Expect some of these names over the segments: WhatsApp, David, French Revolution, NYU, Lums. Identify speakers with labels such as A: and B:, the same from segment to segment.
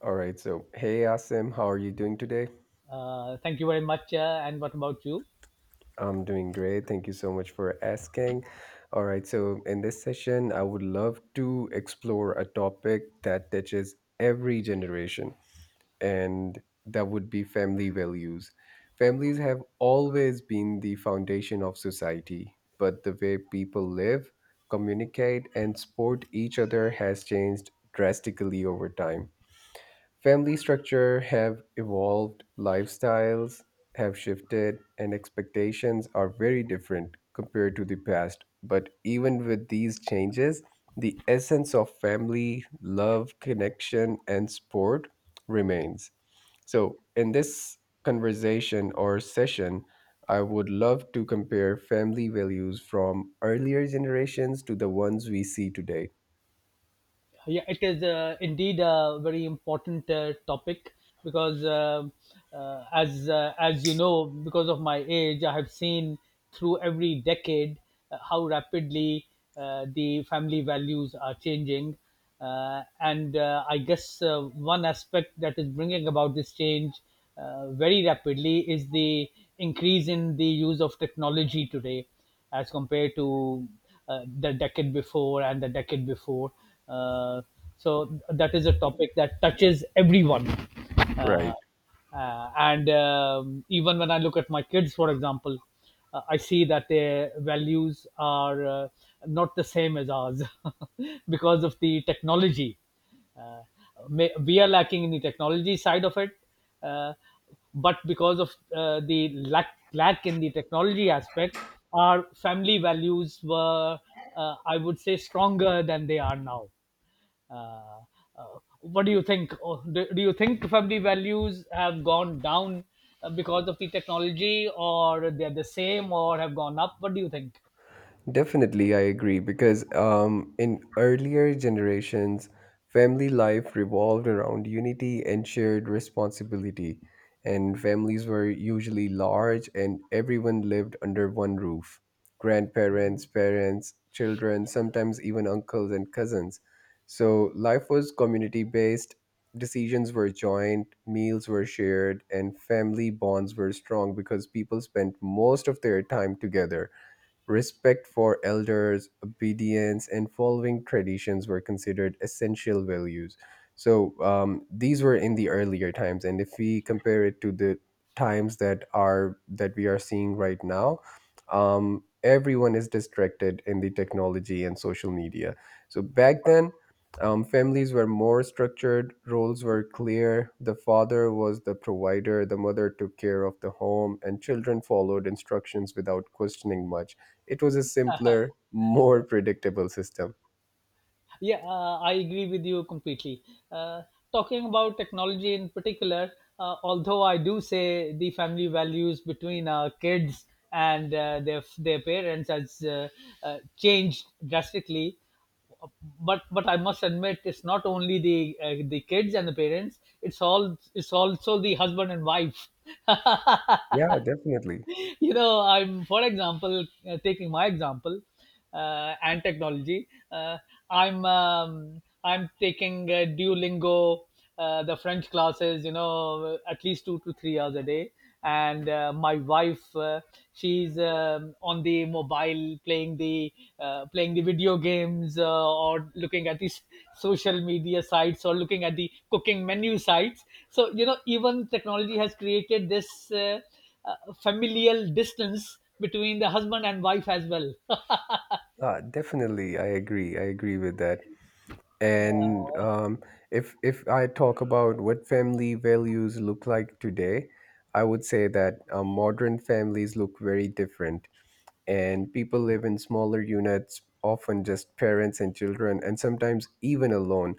A: All right. So, hey, Asim, how are you doing today?
B: Thank you very much. And what about you?
A: I'm doing great. Thank you so much for asking. All right. So, in this session, I would love to explore a topic that touches every generation, and that would be family values. Families have always been the foundation of society, but the way people live, communicate, and support each other has changed drastically over time. Family structure have evolved, lifestyles have shifted, and expectations are very different compared to the past. But even with these changes, the essence of family, love, connection, and support remains. So, in this conversation or session, I would love to compare family values from earlier generations to the ones we see today.
B: Yeah, it is indeed a very important topic because as you know, because of my age, I have seen through every decade how rapidly the family values are changing, and I guess one aspect that is bringing about this change very rapidly is the increase in the use of technology today as compared to the decade before and the decade before. Uh, so that is a topic that touches everyone.
A: Right.
B: Uh, and Even when I look at my kids, for example, I see that their values are not the same as ours because of the technology uh, may, we are lacking in the technology side of it, uh, but because of the lack in the technology aspect our family values were, I would say, stronger than they are now. uh, uh, what do you think? Oh, do you think family values have gone down because of the technology, or they're the same, or have gone up? What do you think?
A: Definitely, I agree because in earlier generations, family life revolved around unity and shared responsibility, and families were usually large and everyone lived under one roof. Grandparents, parents, children, sometimes even uncles and cousins. So life was community based, decisions were joint, meals were shared, and family bonds were strong because people spent most of their time together. Respect for elders, obedience, and following traditions were considered essential values. So these were in the earlier times, and if we compare it to the times that we are seeing right now, everyone is distracted in the technology and social media. So back then, families were more structured, roles were clear. The father was the provider, the mother took care of the home, and children followed instructions without questioning much. It was a simpler, more predictable system.
B: Yeah, I agree with you completely. Uh, Talking about technology in particular, although I do say the family values between our kids and their parents has changed drastically. But I must admit, it's not only the kids and the parents. It's also the husband and wife.
A: Yeah, definitely.
B: You know, I'm, for example, taking my example, and technology. I'm taking Duolingo, the French classes, you know, at least 2 to 3 hours a day. And my wife, she's on the mobile playing the video games, or looking at these social media sites, or looking at the cooking menu sites. So you know, even technology has created this familial distance between the husband and wife as well.
A: Definitely, I agree. I agree with that. And if I talk about what family values look like today, I would say that modern families look very different, and people live in smaller units, often just parents and children, and sometimes even alone.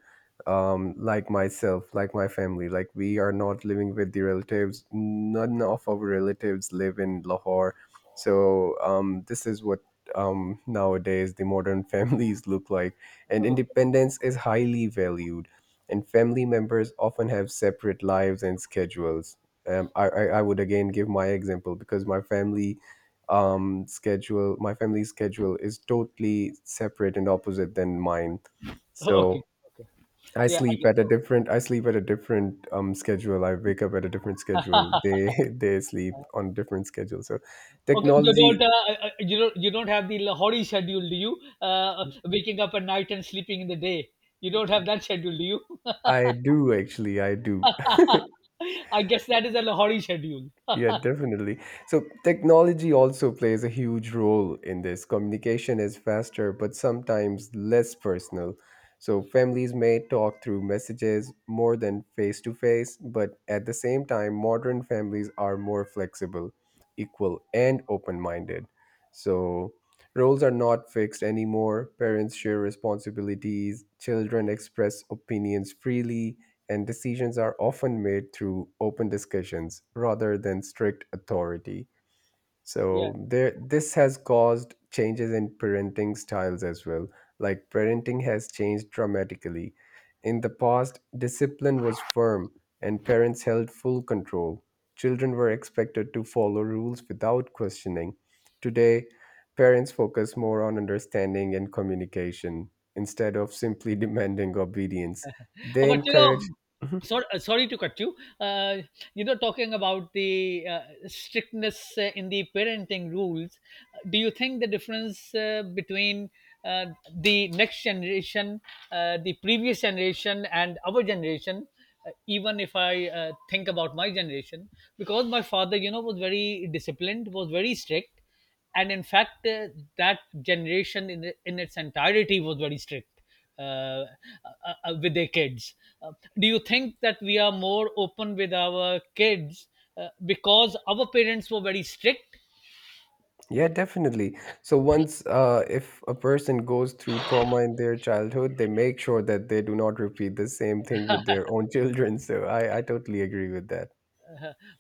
A: Like myself, like my family, like we are not living with the relatives. None of our relatives live in Lahore, so this is what nowadays the modern families look like. And
B: Okay.
A: independence is highly valued, and family members often have separate lives and schedules. I would again give my example because my family's schedule is totally separate and opposite than mine.
B: Okay,
A: So
B: okay,
A: I
B: yeah, I
A: sleep
B: guess
A: at a
B: so.
A: different I sleep at a different schedule, I wake up at a different schedule, they they sleep on a different schedule. So
B: Okay, you don't,
A: technology.
B: you don't have the Lahori schedule, do you? Waking up at night and sleeping in the day. You don't have that schedule, do you?
A: I do actually, I do.
B: I guess that is a Lahori schedule.
A: Yeah, definitely. So technology also plays a huge role in this. Communication is faster, but sometimes less personal. So families may talk through messages more than face to face, but at the same time, modern families are more flexible, equal, and open minded. So roles are not fixed anymore. Parents share responsibilities, children express opinions freely, and decisions are often made through open discussions rather than strict authority.
B: Yeah.
A: So there this has caused changes in parenting styles as well. Like parenting has changed dramatically. In the past, discipline was firm and parents held full control. Children were expected to follow rules without questioning. Today, parents focus more on understanding and communication instead of simply demanding obedience.
B: Oh,
A: They
B: but you
A: encourage.
B: know,
A: Mhm.
B: sorry, sorry to cut you. You know, talking about the strictness in the parenting rules, do you think the difference between uh, the next generation, the previous generation, and our generation? Even if I think about my generation, because my father, you know, was very disciplined, was very strict, and in fact that generation in its entirety was very strict, uh, uh, with their kids. uh, do you think that we are more open with our kids because our parents were very strict?
A: Yeah, definitely. So once, if a person goes through trauma in their childhood, they make sure that they do not repeat the same thing with their own children. So I totally agree with that.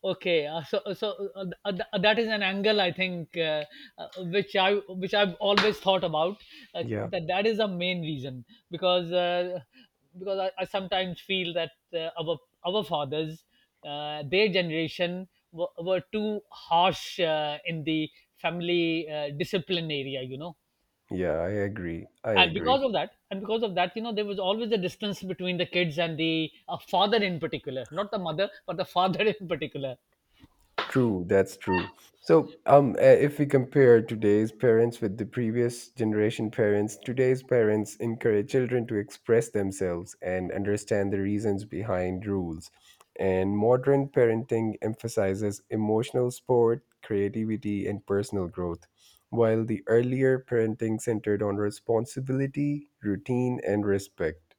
B: Okay, so that is an angle I think which I've always thought about,
A: Yeah,
B: that that is the main reason, because I sometimes feel that our fathers, their generation, were too harsh in the family discipline area, you know.
A: yeah, I agree. I
B: And
A: agree.
B: because of that, and because of that, you know, there was always a distance between the kids and the father in particular, not the mother, but the father in particular.
A: True, that's true. So, if we compare today's parents with the previous generation parents, today's parents encourage children to express themselves and understand the reasons behind rules. And modern parenting emphasizes emotional support, creativity, and personal growth, while the earlier parenting centered on responsibility, routine, and respect.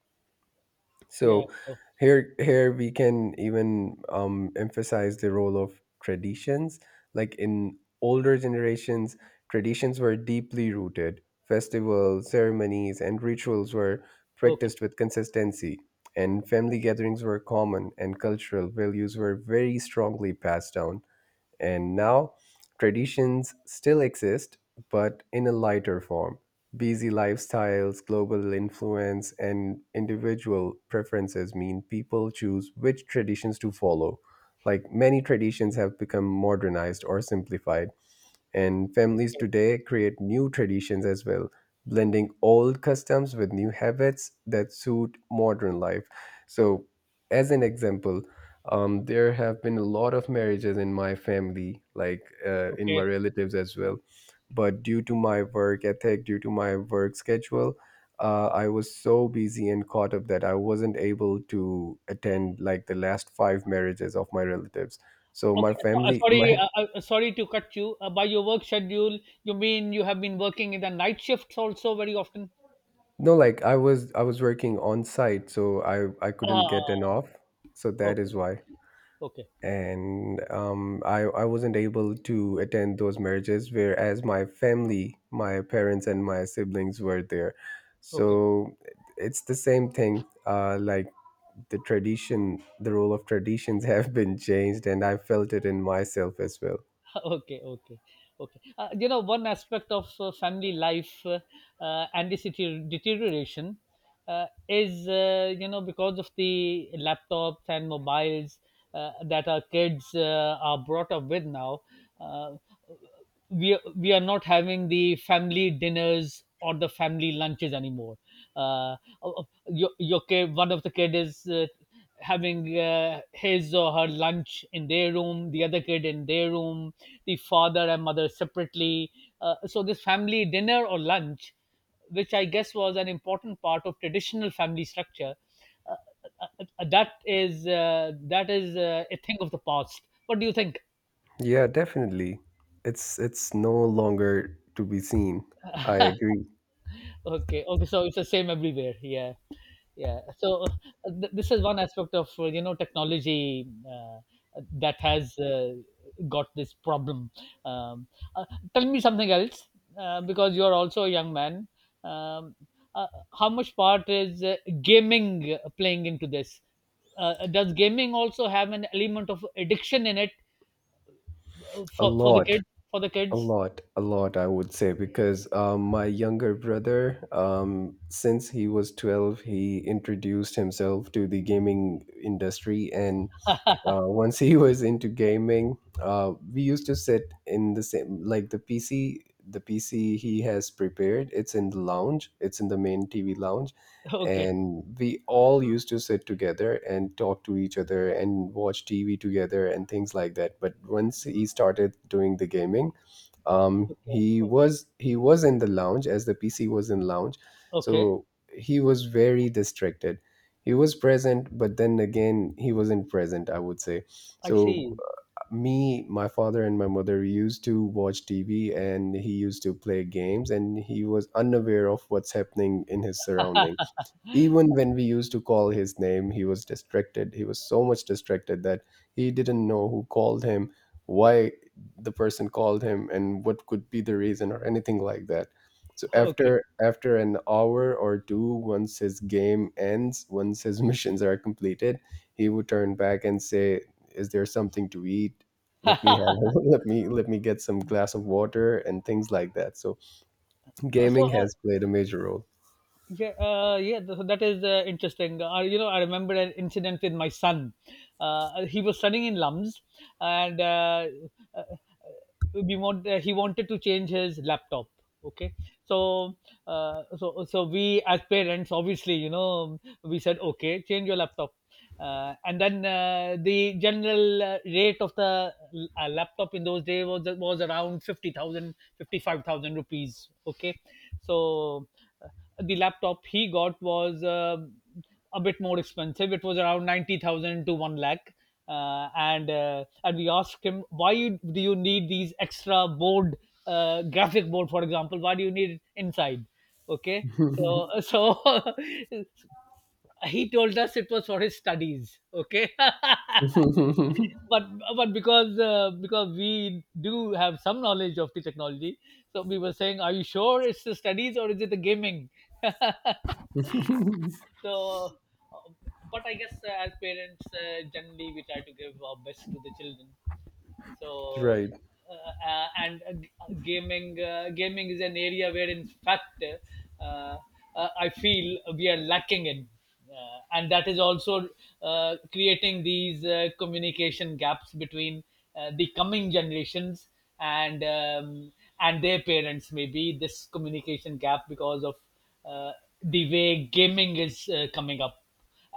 B: Yeah.
A: So
B: So,
A: here we can even emphasize the role of traditions. Like in older generations, traditions were deeply rooted. Festivals, ceremonies, and rituals were
B: okay,
A: practiced with consistency, and family gatherings were common, and cultural values were very strongly passed down. And now traditions still exist, but in a lighter form. Busy lifestyles, global influence, and individual preferences mean people choose which traditions to follow. Like many traditions have become modernized or simplified, and families
B: okay,
A: today create new traditions as well, blending old customs with new habits that suit modern life. So, as an example, there have been a lot of marriages in my family, like in my
B: okay.
A: relatives as well. But due to my work ethic, due to my work schedule, I was so busy and caught up that I wasn't able to attend like the last five marriages of my relatives. So my
B: Okay, so,
A: family,
B: sorry,
A: my.
B: sorry to cut you. By your work schedule, you mean you have been working in the night shifts also very often?
A: No, like I was working on site, so I couldn't get an
B: Ah,
A: off. So that
B: okay,
A: is why.
B: okay,
A: And I wasn't able to attend those marriages, whereas my family, my parents and my siblings were there.
B: okay.
A: So it's the same thing. Like the tradition, the role of traditions have been changed, and I felt it in myself as well.
B: Okay, okay, okay, you know, one aspect of family life, and this deterioration, is, you know, because of the laptops and mobiles that our kids are brought up with now. uh, we are not having the family dinners or the family lunches anymore. Uh, your kid, one of the kid is having his or her lunch in their room, the other kid in their room, the father and mother separately. So, this family dinner or lunch, which I guess was an important part of traditional family structure, uh, that is, that is a thing of the past. What do you think?
A: Yeah, definitely. It's no longer to be seen. I agree.
B: Okay, okay. So it's the same everywhere. Yeah. Yeah, so this is one aspect of you know, technology uh, that has got this problem. um, uh, Tell me something else, because you are also a young man. um, uh, how much part is gaming playing into this? Does gaming also have an element of addiction in it uh,
A: A
B: for for the
A: lot.
B: kid, for the
A: A
B: kids?
A: lot, a lot, I would say, because my younger brother, since he was 12, he introduced himself to the gaming industry. And once he was into gaming, we used to sit in the same, like the PC, the PC he has prepared, it's in the lounge, it's in the main TV lounge.
B: Okay,
A: And we all used to sit together and talk to each other and watch TV together and things like that. But once he started doing the gaming, um
B: okay,
A: he
B: okay,
A: was he was in the lounge as the pc was in lounge.
B: okay,
A: So he was very distracted. He was present, but then again he wasn't present, I would say.
B: I
A: So
B: see.
A: me, my father and my mother used to watch tv, and he used to play games, and he was unaware of what's happening in his surrounding. Even when we used to call his name, he was distracted. He was so much distracted that he didn't know who called him, why the person called him, and what could be the reason or anything like that. So
B: Okay.
A: after an hour or two, once his game ends, once his missions are completed, he would turn back and say, is there something to eat, let me have let me get some glass of water, and things like that. So
B: Uh, so
A: gaming
B: uh,
A: has played a major role.
B: Yeah, that is interesting. You know, I remember an incident with my son. He was studying in Lums, and uh, he wanted to change his laptop. Okay, so we as parents, obviously, you know, we said, okay, change your laptop, and then the general rate of the laptop in those days was around 50,000, 55,000 rupees. Okay, so. uh, the laptop he got was a bit more expensive. It was around 90,000 to one lakh, and and we asked him, why you, do you need these extra board, graphic board, for example? Why do you need it inside? Okay, so so he told us it was for his studies. Okay. But, but because we do have some knowledge of the technology, so we were saying, are you sure it's the studies or is it the gaming? So, uh, but I guess as parents, generally we try to give our best to the children. So,
A: Right.
B: gaming is an area where, in fact, I feel we are lacking in, and that is also creating these communication gaps between the coming generations and um, and their parents. Maybe this communication gap because of uh, the way gaming is coming up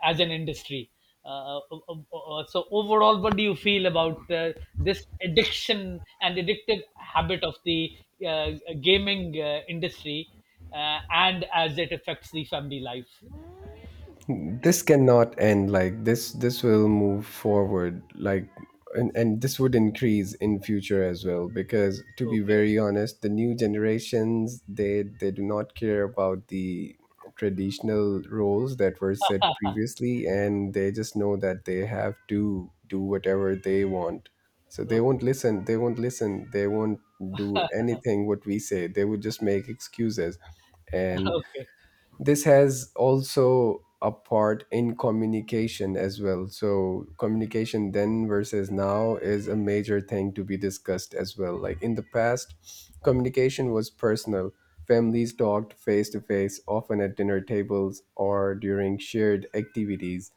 B: as an industry. So overall, what do you feel about this addiction and addictive habit of the uh, gaming industry, and as it affects the family life?
A: This cannot end like this. This will move forward. Like, and this would increase in future as well, because to be
B: Okay,
A: very honest, the new generations, they do not care about the traditional roles that were set previously, and they just know that they have to do whatever they want. So they
B: okay,
A: won't listen, they won't listen, they won't do anything what we say. They would just make excuses. And
B: okay,
A: this has also a part in communication as well. So communication then versus now is a major thing to be discussed as well. Like in the past, communication was personal. Families talked face to face often at dinner tables or during shared activities.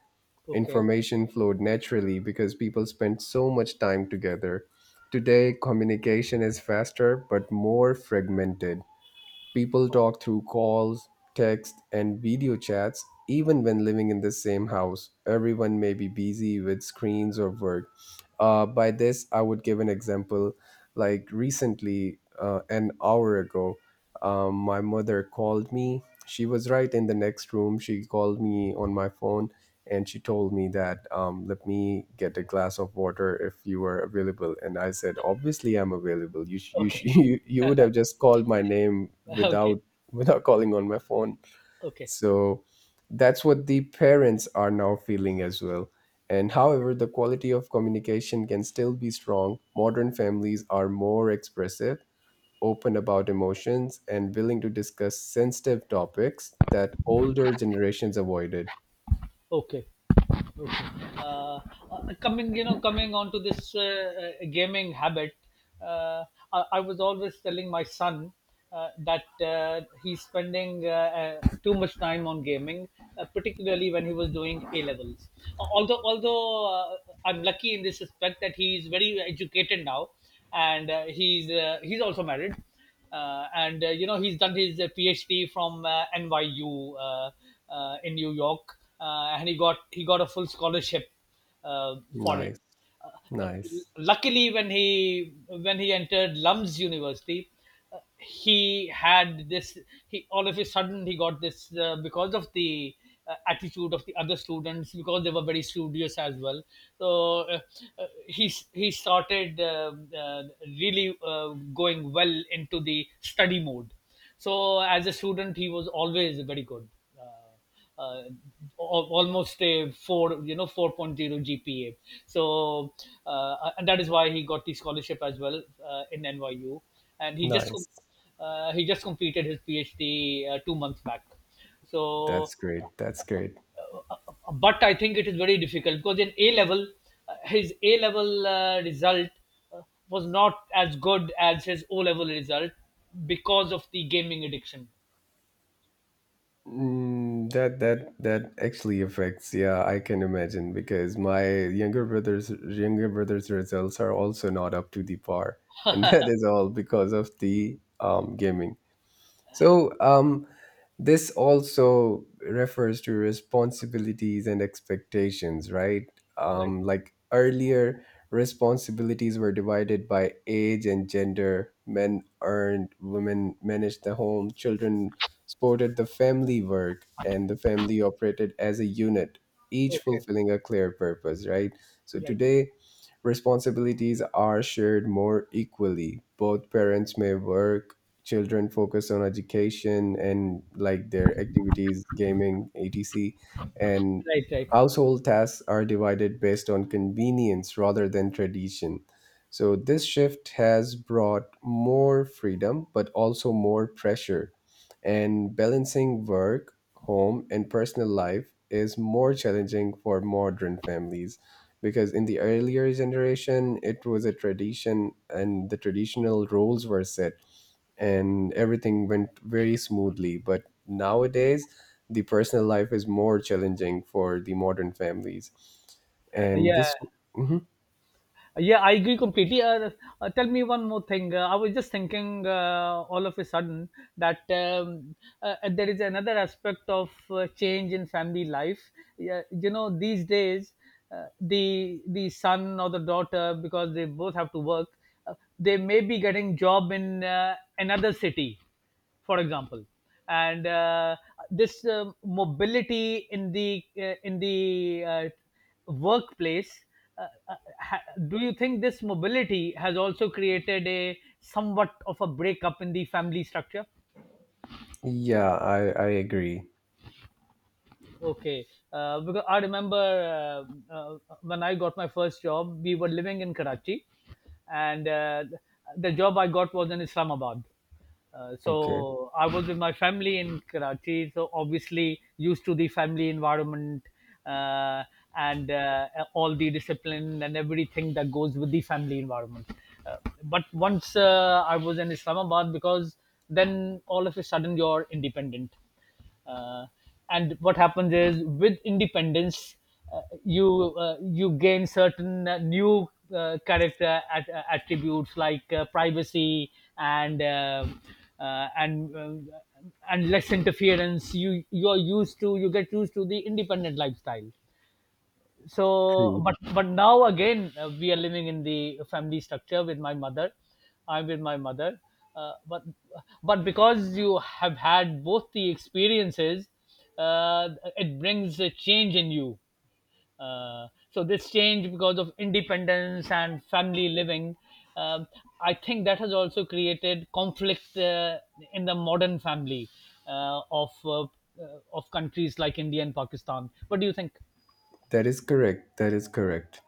B: okay,
A: Information flowed naturally because people spent so much time together. Today communication is faster but more fragmented. People talk through calls, text, and video chats even when living in the same house. Everyone may be busy with screens or work. By this, I would give an example. Like recently, an hour ago, my mother called me. She was right in the next room. She called me on my phone, and she told me that let me get a glass of water if you were available, and I said, obviously I'm available,
B: okay,
A: you would have just called my name
B: okay,
A: without calling on my phone.
B: okay,
A: So that's what the parents are now feeling as well. And however, the quality of communication can still be strong. Modern families are more expressive, open about emotions, and willing to discuss sensitive topics that older generations avoided.
B: okay. Okay. uh, Coming, you know, coming on to this gaming habit, uh, I was always telling my son that he's spending too much time on gaming, particularly when he was doing A levels. Although I'm lucky in this respect that he's very educated now, and he's also married, and you know, he's done his PhD from NYU, in New York, and he got a full scholarship for it.
A: Nice.
B: Uh,
A: Nice.
B: Luckily, when he entered Lums University, uh, he had this he all of a sudden he got this, because of the attitude of the other students, because they were very studious as well. So, uh, uh, he he started really going well into the study mode. So as a student he was always very good, uh, uh, uh, almost a four, you know, four point zero GPA. So, and that is why he got the scholarship as well, in NYU. And
A: Nice.
B: he just completed his PhD 2 months back. So,
A: That's great. That's
B: uh,
A: great.
B: but I think it is very difficult because in A level, his A level result uh, was not as good as his O level result because of the gaming addiction.
A: Mm, that actually affects. Yeah, I can imagine, because my younger brother's results are also not up to the par, and that is all because of the gaming. So this also refers to responsibilities and expectations, right?
B: Right.
A: Like earlier, responsibilities were divided by age and gender. Men earned, women managed the home, children supported the family work, and the family operated as a unit, each
B: Okay.
A: fulfilling a clear purpose, right? So today responsibilities are shared more equally. Both parents may work, children focus on education and like their activities, gaming, etc. And
B: Right, right.
A: household tasks are divided based on convenience rather than tradition. So this shift has brought more freedom but also more pressure, and balancing work, home and personal life is more challenging for modern families, because in the earlier generation it was a tradition and the traditional roles were set and everything went very smoothly. But nowadays, the personal life is more challenging for the modern families. And
B: Yeah,
A: this, mhm,
B: yeah, I agree completely. Tell me one more thing. I was just thinking all of a sudden that there is another aspect of change in family life. Yeah, you know, these days, the son or the daughter, because they both have to work, they may be getting job in another city, for example, and this mobility in the workplace, uh, uh, ha- do you think this mobility has also created a somewhat of a breakup in the family structure?
A: yeah, I agree.
B: Okay, because I remember uh, when I got my first job we were living in Karachi, and the job I got was in Islamabad. So
A: Okay,
B: I was with my family in Karachi, so obviously used to the family environment, uh, and all the discipline and everything that goes with the family environment. Uh, but once I was in Islamabad, because then all of a sudden you're independent, uh, and what happens is with independence you gain certain new attributes like privacy and uh, uh, and uh, and less interference. You are used to you get used to the independent lifestyle. So
A: true.
B: but now again, we are living in the family structure with my mother. I'm with my mother, uh, but but because you have had both the experiences, uh, it brings a change in you. So this change, because of independence and family living, um, I think that has also created conflict in the modern family of countries like India and Pakistan. What do you think?
A: That is correct. That is correct.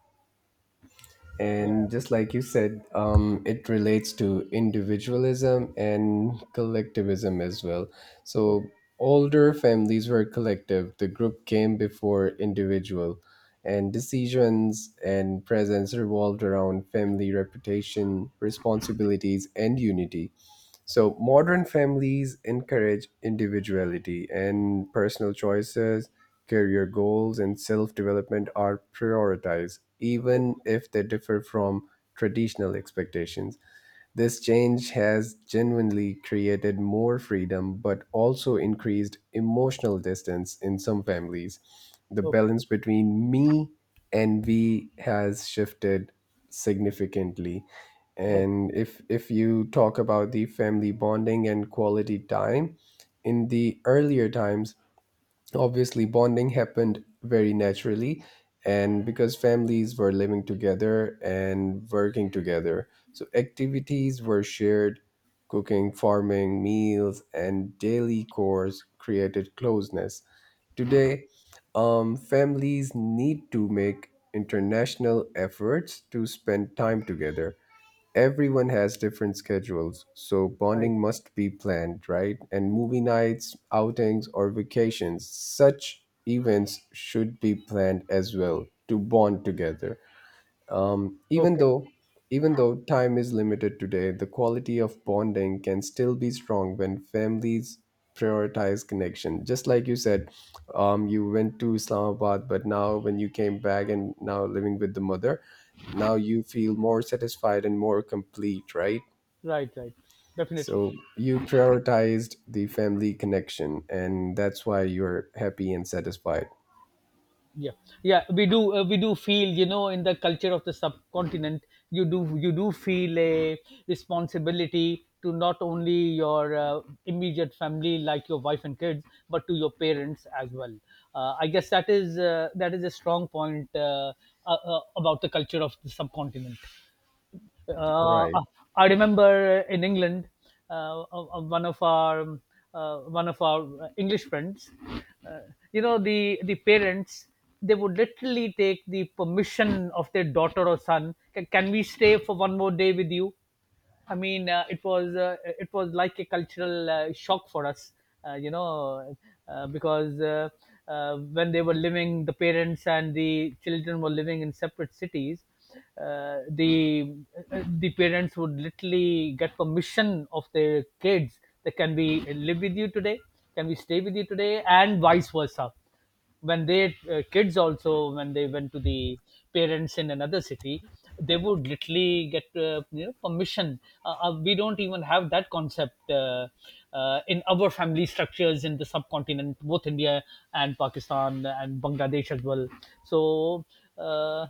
B: Yeah.
A: And just like you said, it relates to individualism and collectivism as well. So
B: Okay.
A: older families were collective, the group came before individual, and decisions and presence revolved around family reputation, responsibilities, and unity. So modern families encourage individuality and personal choices, career goals, and self development are prioritized, even if they differ from traditional expectations. This change has genuinely created more freedom but also increased emotional distance in some families. The
B: Okay.
A: balance between me and we has shifted significantly.
B: Oh,
A: And if you talk about the family bonding and quality time, in the earlier times obviously bonding happened very naturally, and because families were living together and working together, so activities were shared. Cooking, farming meals and daily chores created closeness. Today, families need to make international efforts to spend time together. Everyone has different schedules, so
B: right.
A: bonding must be planned, right? And movie nights, outings, or vacations, such events should be planned as well to bond together. Um, even
B: Okay.
A: though even though time is limited today, the quality of bonding can still be strong when families prioritize connection. Just like you said, you went to Islamabad, but now when you came back and now living with the mother, now you feel more satisfied and more complete, right?
B: Right. Right. Definitely.
A: So you prioritized the family connection, and that's why you're happy and satisfied.
B: Yeah. Yeah, we do. We do feel, you know, in the culture of the subcontinent, you do. You do feel a responsibility to not only your immediate family, like your wife and kids, but to your parents as well. I guess that is a strong point, about the culture of the subcontinent. Uh,
A: Right.
B: uh, I remember in England, uh, uh, one of our um, one of our English friends, uh, the parents, they would literally take the permission of their daughter or son. Can we stay for one more day with you?" I mean, it was like a cultural shock for us, you know, because when they were living, the parents and the children were living in separate cities. Uh, the the parents would literally get permission of their kids. They, can we live with you today? Can we stay with you today? And vice versa, when they, kids also, when they went to the parents in another city, they would literally get, you know, permission. We don't even have that concept in our family structures in the subcontinent, both India and Pakistan and Bangladesh as well. So uh,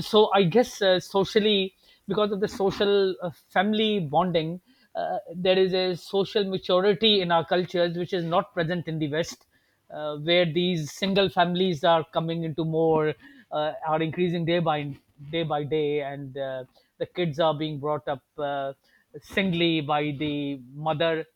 B: so I guess socially, because of the social family bonding, there is a social maturity in our cultures which is not present in the West, where these single families are coming into more, are increasing day by day, and the kids are being brought up singly by the mother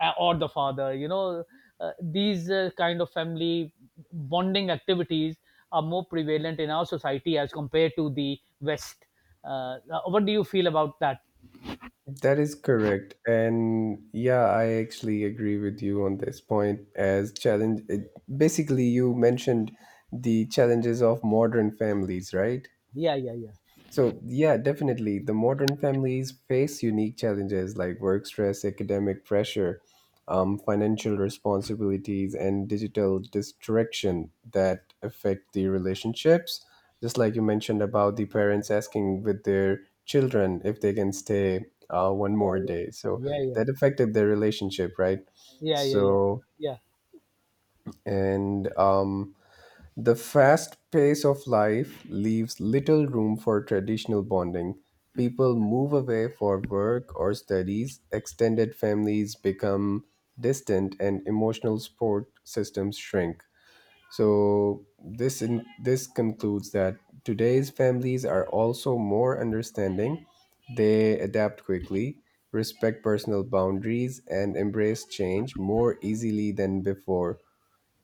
B: or the father, you know. These kind of family bonding activities are more prevalent in our society as compared to the West. What do you feel about that?
A: That is correct. And yeah, I actually agree with you on this point as challenge it, basically you mentioned the challenges of modern families, right?
B: Yeah yeah yeah
A: So, yeah, definitely. The modern families face unique challenges like work stress, academic pressure, financial responsibilities, and digital distraction that affect the relationships. Just like you mentioned about the parents asking with their children if they can stay one more day. So,
B: yeah yeah
A: that affected their relationship, right?
B: yeah yeah yeah yeah
A: So,
B: yeah
A: and the fast pace of life leaves little room for traditional bonding. People move away for work or studies, extended families become distant, and emotional support systems shrink. So this concludes that today's families are also more understanding. They adapt quickly, respect personal boundaries, and embrace change more easily than before.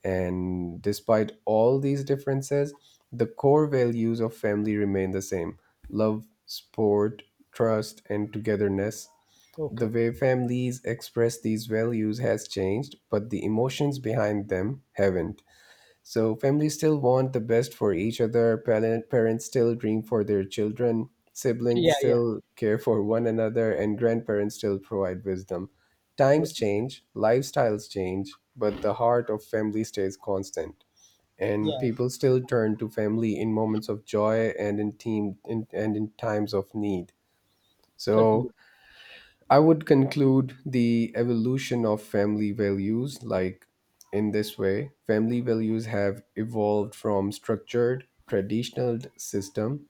A: And despite all these differences, the core values of family remain the same: love, support, trust, and togetherness. The
B: Okay.
A: way families express these values has changed, but the emotions behind them haven't. So
B: Okay.
A: families still want the best for each other. Parents still dream for their children. Siblings
B: yeah yeah
A: still care for one another, and grandparents still provide wisdom.
B: yeah,
A: Times change, lifestyles change, but the heart of family stays constant. And
B: yeah.
A: people still turn to family in moments of joy and and in times of need. So
B: Certainly.
A: I would conclude the evolution of family values like in this way: family values have evolved from structured traditional system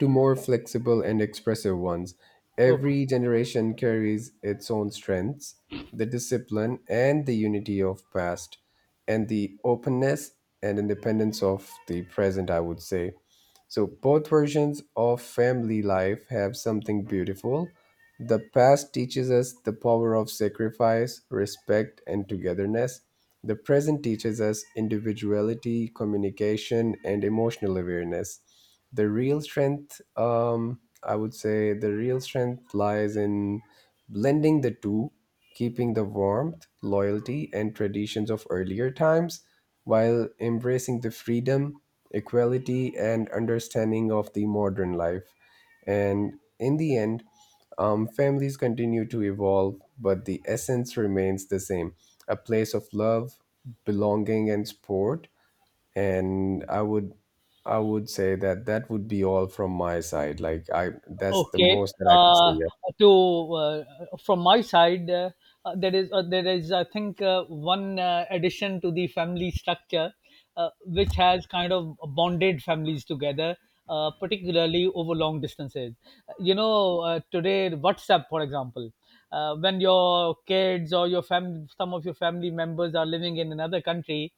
A: to more flexible and expressive ones. Every
B: Okay.
A: generation carries its own strengths, the discipline and the unity of past, and the openness and independence of the present, I would say. So, both versions of family life have something beautiful. The past teaches us the power of sacrifice, respect, and togetherness. The present teaches us individuality, communication, and emotional awareness. I would say, the real strength lies in blending the two, keeping the warmth, loyalty, and traditions of earlier times while embracing the freedom, equality, and understanding of the modern life. And in the end, families continue to evolve, but the essence remains the same: a place of love, belonging, and support. And I would say that that would be all from my side. Like I That's the
B: Okay.
A: most that I could say.
B: Uh,
A: Yeah.
B: to From my side, there is I think one addition to the family structure, which has kind of bonded families together, particularly over long distances. You know, today WhatsApp, for example, when your kids or your family, some of your family members are living in another country,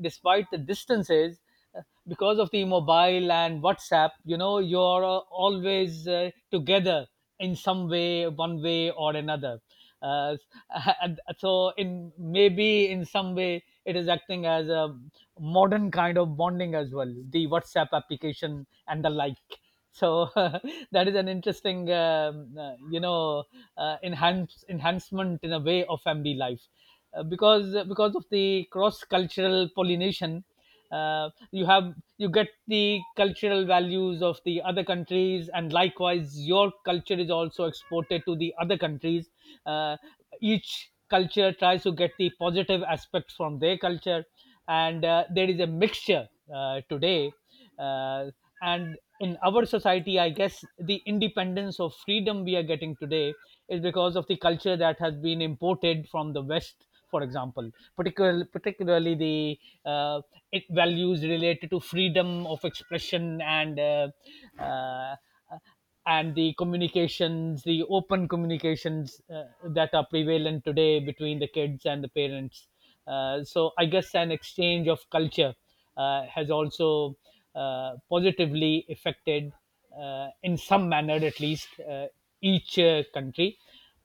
B: despite the distances, uh, because of the mobile and WhatsApp, you know, you're always together in some way, one way or another. uh, and so, in maybe in some way, it is acting as a modern kind of bonding as well, the WhatsApp application and the like. So that is an interesting, you know, enhancement in a way of family life, because of the cross cultural pollination, you have, you get the cultural values of the other countries, and likewise your culture is also exported to the other countries. uh, each culture tries to get the positive aspects from their culture, and there is a mixture today. uh, and in our society, I guess the independence of freedom we are getting today is because of the culture that has been imported from the West, for example, particularly the uh, it values related to freedom of expression uh, and the communications, the open communications that are prevalent today between the kids and the parents. So I guess an exchange of culture has also positively affected, in some manner at least, each country,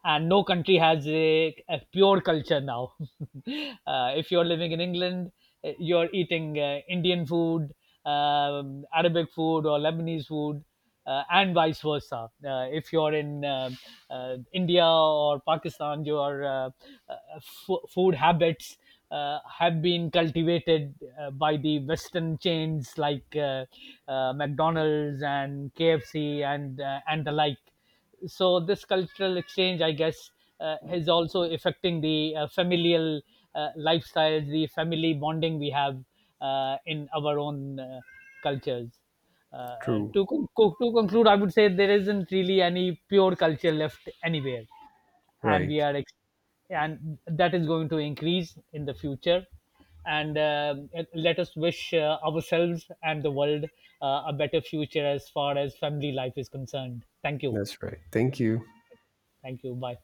B: and no country has a pure culture now. If you're living in England, you're eating Indian food, Arabic food, or Lebanese food, and vice versa. If you're in India or Pakistan, your food habits. Have been cultivated by the Western chains like McDonald's and KFC, and the like. So this cultural exchange, I guess, is also affecting the familial lifestyles, the family bonding we have in our own cultures.
A: True.
B: To conclude, I would say there isn't really any pure culture left anywhere, and we
A: Right.
B: are ex- and that is going to increase in the future. And let us wish ourselves and the world a better future as far as family life is concerned. Thank you.
A: That's right. Thank you.
B: Thank you. Bye.